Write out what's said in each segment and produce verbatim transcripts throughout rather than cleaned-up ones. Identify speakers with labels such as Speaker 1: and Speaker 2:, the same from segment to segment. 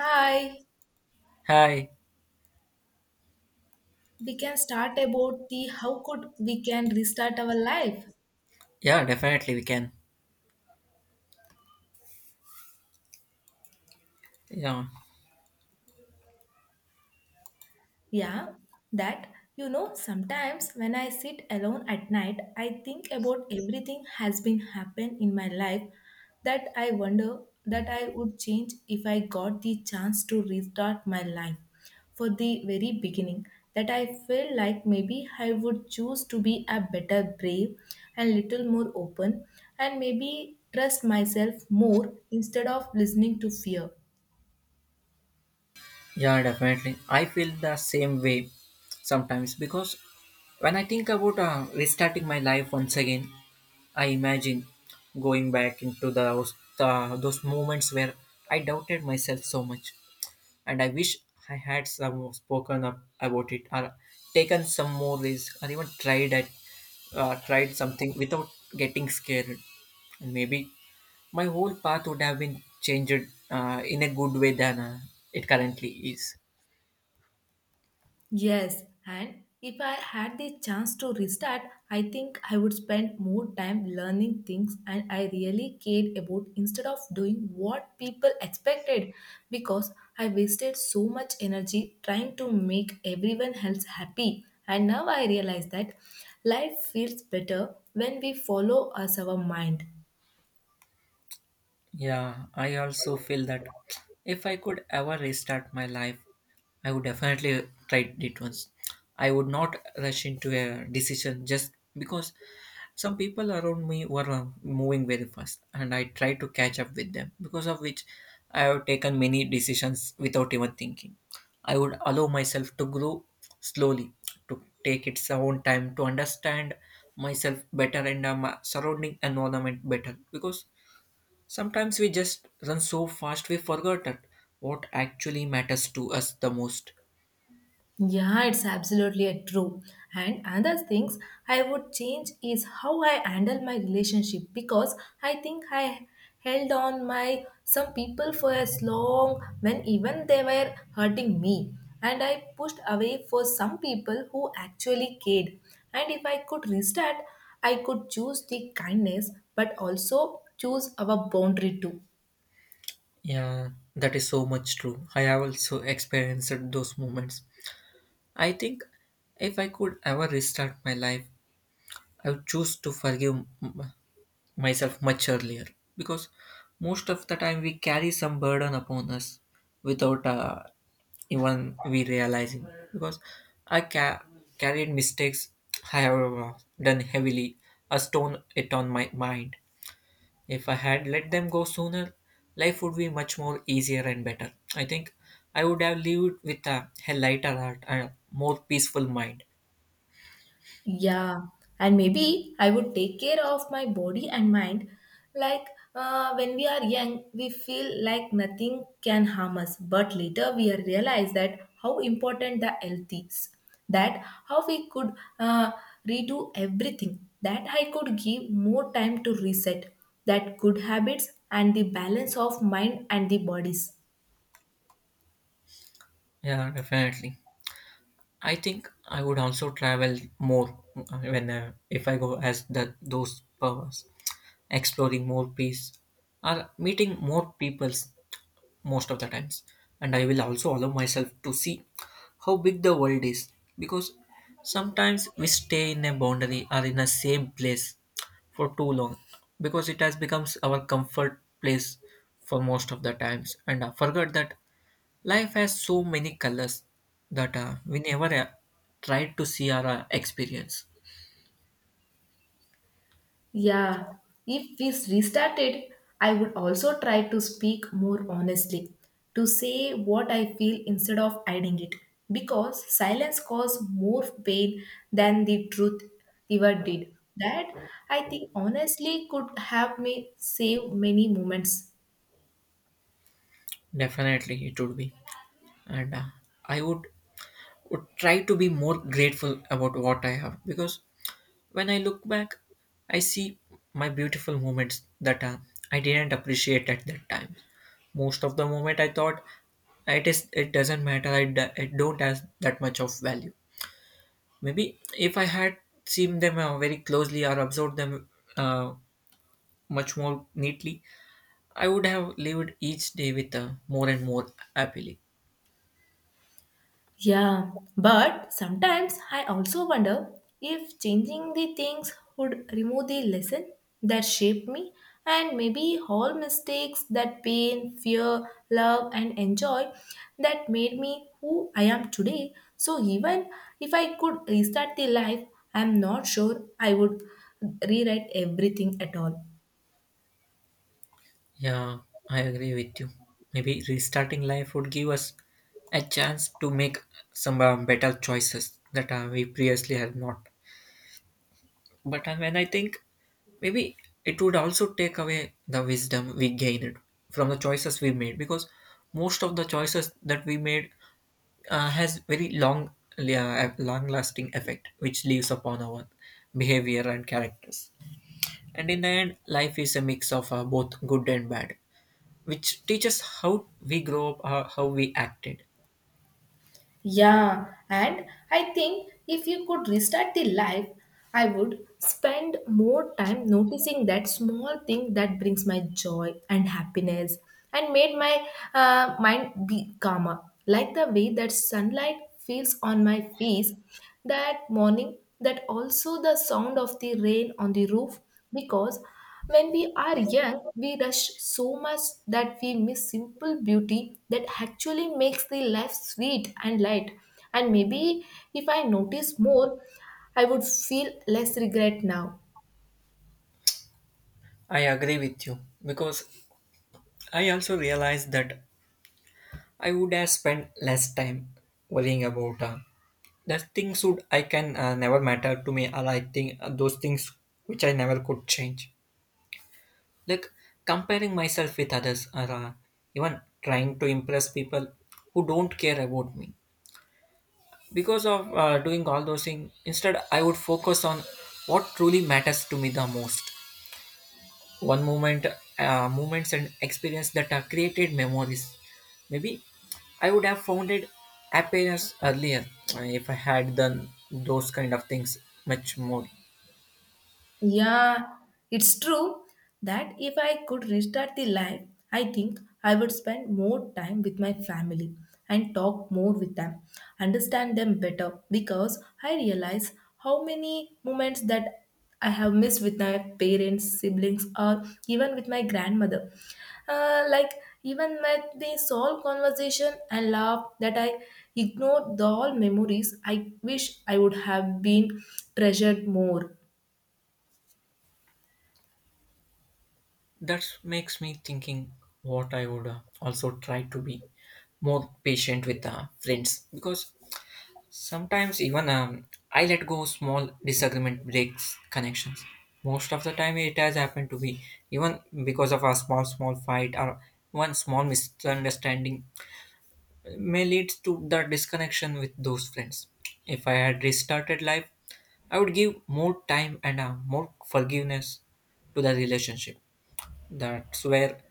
Speaker 1: Hi,
Speaker 2: Hi.
Speaker 1: we can start about the how could we can restart our life.
Speaker 2: Yeah, definitely we can. Yeah,
Speaker 1: Yeah, that you know, sometimes when I sit alone at night, I think about everything has been happened in my life that I wonder that I would change if I got the chance to restart my life for the very beginning. That I feel like maybe I would choose to be a better brave and little more open and maybe trust myself more instead of listening to fear.
Speaker 2: yeah, definitely. I feel the same way sometimes because when I think about uh, restarting my life once again, I imagine going back into those uh, those moments where I doubted myself so much, and I wish I had some more spoken up about it or taken some more risk or even tried at uh, tried something without getting scared. And maybe my whole path would have been changed uh, in a good way than uh, it currently is.
Speaker 1: Yes, and if I had the chance to restart, I think I would spend more time learning things and I really cared about instead of doing what people expected because I wasted so much energy trying to make everyone else happy. And now I realize that life feels better when we follow us our mind.
Speaker 2: Yeah, I also feel that if I could ever restart my life, I would definitely try it once. I would not rush into a decision just because some people around me were uh, moving very fast and I tried to catch up with them, because of which I have taken many decisions without even thinking. I would allow myself to grow slowly, to take its own time to understand myself better and uh, my surrounding environment better because sometimes we just run so fast we forget that what actually matters to us the most.
Speaker 1: Yeah, it's absolutely a true. And another things I would change is how I handle my relationship because I think I held on my some people for as long when even they were hurting me and I pushed away for some people who actually cared. And if I could restart, I could choose the kindness but also choose our boundary too.
Speaker 2: Yeah, that is so much true. I have also experienced those moments. I think if I could ever restart my life, I would choose to forgive m- myself much earlier because most of the time we carry some burden upon us without uh, even we realizing because I ca- carried mistakes I have uh, done heavily a stone it on my mind if I had let them go sooner life would be much more easier and better. I think I would have lived with a, a lighter heart and a more peaceful mind.
Speaker 1: Yeah, and maybe I would take care of my body and mind. Like uh, when we are young, we feel like nothing can harm us, but later we are realize that how important the health is, that how we could uh, redo everything, that I could give more time to reset, that good habits and the balance of mind and the bodies.
Speaker 2: Yeah, definitely. I think I would also travel more uh, when uh, if I go as the those powers, exploring more place or meeting more peoples most of the times. And I will also allow myself to see how big the world is because sometimes we stay in a boundary or in a same place for too long because it has becomes our comfort place for most of the times and I forgot that life has so many colors that uh, we never uh, tried to see or uh, experience.
Speaker 1: Yeah, if we restarted, I would also try to speak more honestly, to say what I feel instead of hiding it, because silence caused more pain than the truth ever did. That I think honestly could have me save many moments.
Speaker 2: Definitely, it would be, and uh, I would would try to be more grateful about what I have because when I look back, I see my beautiful moments that uh, I didn't appreciate at that time. Most of the moment, I thought it is it doesn't matter. I d- it don't has that much of value. Maybe if I had seen them uh, very closely or observed them uh, much more neatly, I would have lived each day with a more and more happily.
Speaker 1: Yeah, but sometimes I also wonder if changing the things would remove the lesson that shaped me and maybe all mistakes that pain, fear, love, and enjoy that made me who I am today. So even if I could restart the life, I'm not sure I would rewrite everything at all.
Speaker 2: Yeah, I agree with you. Maybe restarting life would give us a chance to make some uh, better choices that uh, we previously had not. But I- when I think maybe it would also take away the wisdom we gained from the choices we made because most of the choices that we made uh, has very long long lasting effect which leaves upon our behavior and characters, and in the end life is a mix of uh, both good and bad which teaches how we grow up, uh, how we acted.
Speaker 1: Yeah, and I think if you could restart the life, I would spend more time noticing that small thing that brings my joy and happiness and made my uh, mind be calmer. Like the way that sunlight feels on my face that morning, that also the sound of the rain on the roof, because when we are young, we rush so much that we miss simple beauty that actually makes the life sweet and light. And maybe if I notice more, I would feel less regret now.
Speaker 2: I agree with you because I also realized that I would have spent less time worrying about uh, that things would I can uh, never matter to me, or I think uh, those things which I never could change, like comparing myself with others or uh, even trying to impress people who don't care about me because of uh, doing all those things. Instead I would focus on what truly matters to me the most. One moment uh, Moments and experience that are created memories, maybe I would have founded happiness earlier uh, if I had done those kind of things much more.
Speaker 1: Yeah, it's true that if I could restart the life, I think I would spend more time with my family and talk more with them, understand them better because I realize how many moments that I have missed with my parents, siblings, or even with my grandmother. Uh, like even with the soul conversation and laugh that I ignored the all memories, I wish I would have been treasured more.
Speaker 2: That makes me thinking what I would uh, also try to be more patient with uh, friends because sometimes even um, I let go small disagreement breaks connections. Most of the time, it has happened to be even because of a small small fight or one small misunderstanding may lead to the disconnection with those friends. If I had restarted life, I would give more time and uh, more forgiveness to the relationship. That's where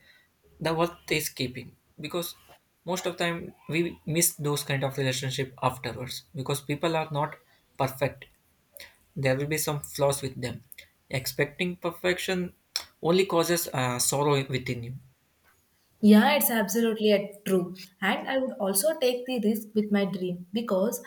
Speaker 2: the worth is keeping because most of time we miss those kind of relationship afterwards because people are not perfect, there will be some flaws with them. Expecting perfection only causes uh, sorrow within you.
Speaker 1: Yeah, it's absolutely uh, true. And I would also take the risk with my dream because,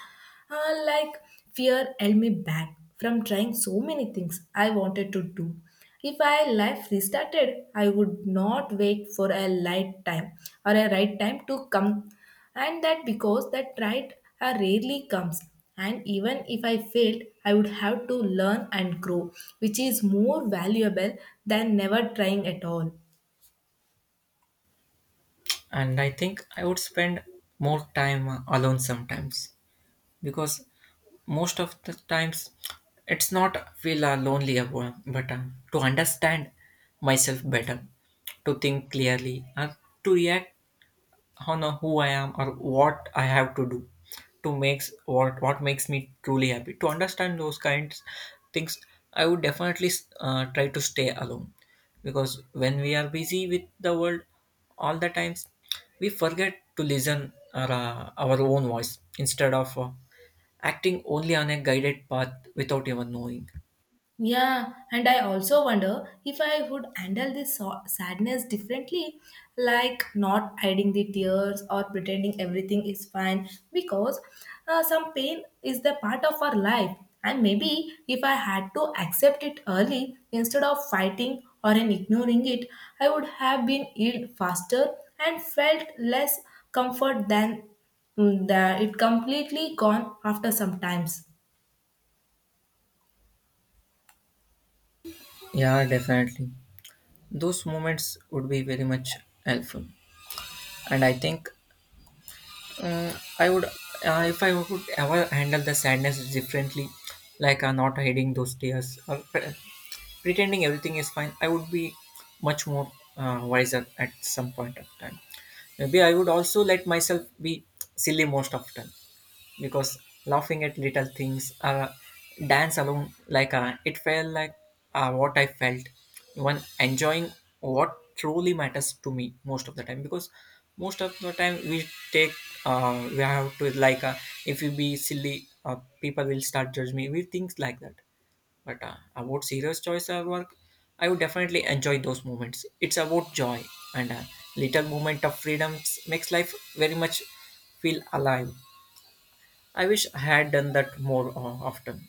Speaker 1: uh, like, fear held me back from trying so many things I wanted to do. If I life restarted, I would not wait for a light time or a right time to come, and that because that right uh, rarely comes. And even if I failed, I would have to learn and grow, which is more valuable than never trying at all.
Speaker 2: And I think I would spend more time uh, alone sometimes because most of the times it's not feel uh, lonely about, but uh, to understand myself better, to think clearly and to react honor who I am or what I have to do to makes what what makes me truly happy. To understand those kinds things, I would definitely uh, try to stay alone because when we are busy with the world all the times, we forget to listen our, uh, our own voice instead of uh, acting only on a guided path without even knowing.
Speaker 1: Yeah, and I also wonder if I would handle this so- sadness differently, like not hiding the tears or pretending everything is fine, because uh, some pain is the part of our life. And maybe if I had to accept it early instead of fighting or in ignoring it, I would have been healed faster and felt less comfort than mm, that it completely gone after some times.
Speaker 2: Yeah, definitely. Those moments would be very much helpful. And I think Uh, I would, uh, if I would ever handle the sadness differently, like uh, not hiding those tears or pre- pretending everything is fine, I would be much more uh, wiser at some point of time. Maybe I would also let myself be silly most often because laughing at little things, uh, dance alone like uh, it felt like uh, what I felt even enjoying what truly matters to me most of the time. Because most of the time we take uh, we have to like uh, if you be silly uh, people will start judge me, we think like that. But uh, about serious choice of work, I would definitely enjoy those moments. It's about joy, and a little moment of freedom makes life very much feel alive. I wish I had done that more o- often.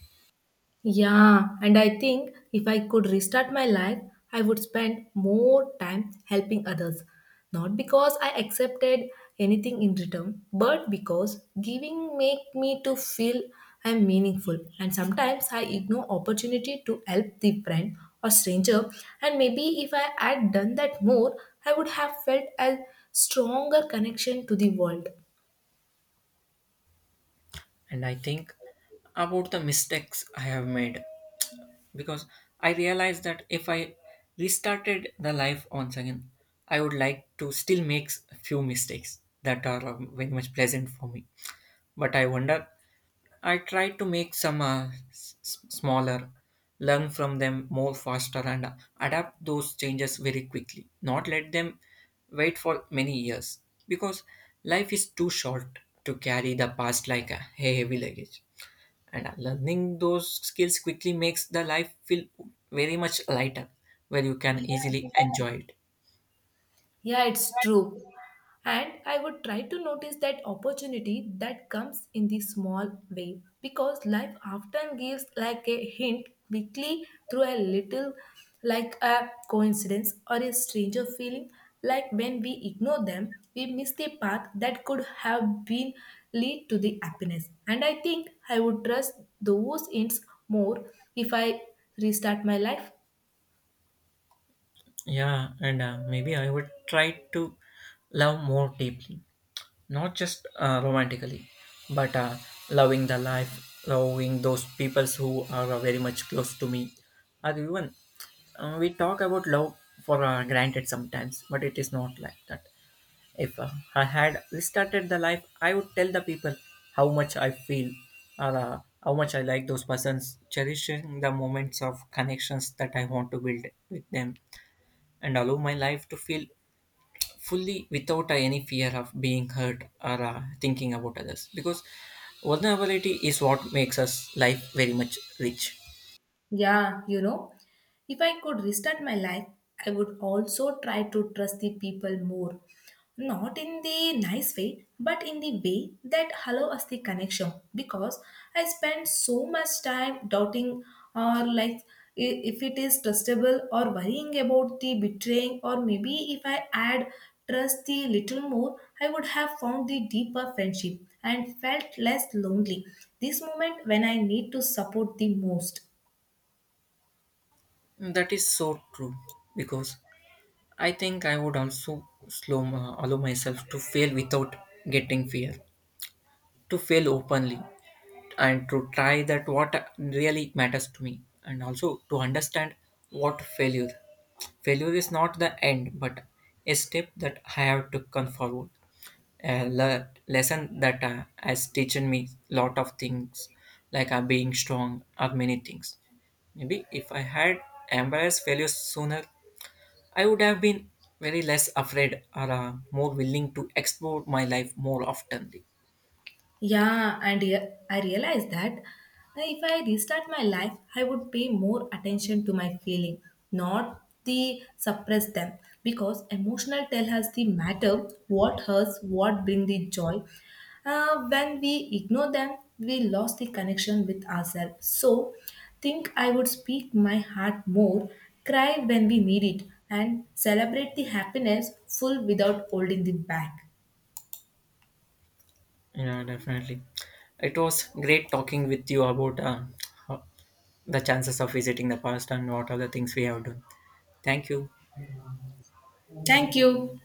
Speaker 1: Yeah, and I think if I could restart my life, I would spend more time helping others. Not because I accepted anything in return, but because giving make me to feel I'm meaningful. And sometimes I ignore opportunity to help the friend or stranger. And maybe if I had done that more, I would have felt a stronger connection to the world.
Speaker 2: And I think about the mistakes I have made because I realized that if I restarted the life once again, I would like to still make a few mistakes that are uh, very much pleasant for me. But I wonder I try to make some uh, s- s- smaller, learn from them more faster, and adapt those changes very quickly. Not let them wait for many years because life is too short to carry the past like a heavy luggage. And uh, learning those skills quickly makes the life feel very much lighter, where you can easily enjoy it.
Speaker 1: Yeah, it's true. And I would try to notice that opportunity that comes in the small way because life often gives like a hint quickly through a little like a coincidence or a stranger feeling like when we ignore them we miss the path that could have been lead to the happiness and I think I would trust those hints more if I restart my life.
Speaker 2: Yeah, and uh, maybe I would try to love more deeply, not just uh, romantically, but uh, loving the life, loving those peoples who are uh, very much close to me. Or even uh, we talk about love for uh, granted sometimes, but it is not like that. If uh, I had restarted the life, I would tell the people how much I feel or uh, how much I like those persons, cherishing the moments of connections that I want to build with them, and allow my life to feel fully without uh, any fear of being hurt or uh, thinking about others because vulnerability is what makes us life very much rich.
Speaker 1: Yeah, you know, if I could restart my life, I would also try to trust the people more. Not in the nice way, but in the way that allow us the connection. Because I spend so much time doubting or like i- if it is trustable or worrying about the betraying or maybe if I add trust the little more, I would have found the deeper friendship and felt less lonely. This moment when I need to support the most.
Speaker 2: That is so true because I think I would also slow uh, allow myself to fail without getting fear, to fail openly and to try that what really matters to me, and also to understand what failure failure is not the end but a step that I have to come forward, a le- lesson that uh, has teaching me lot of things like uh, being strong or many things. Maybe if I had embraced failure sooner I would have been very less afraid or uh, more willing to explore my life more oftenly.
Speaker 1: Yeah, and yeah, I realized that uh, if I restart my life, I would pay more attention to my feeling, not the suppress them, because emotional tell us the matter, what hurts, what bring the joy. Uh, when we ignore them, we lost the connection with ourselves. So, think I would speak my heart more, cry when we need it, and celebrate the happiness full without holding it back.
Speaker 2: Yeah, definitely. It was great talking with you about uh, how- the chances of visiting the past and what are the things we have done. Thank you.
Speaker 1: Thank you.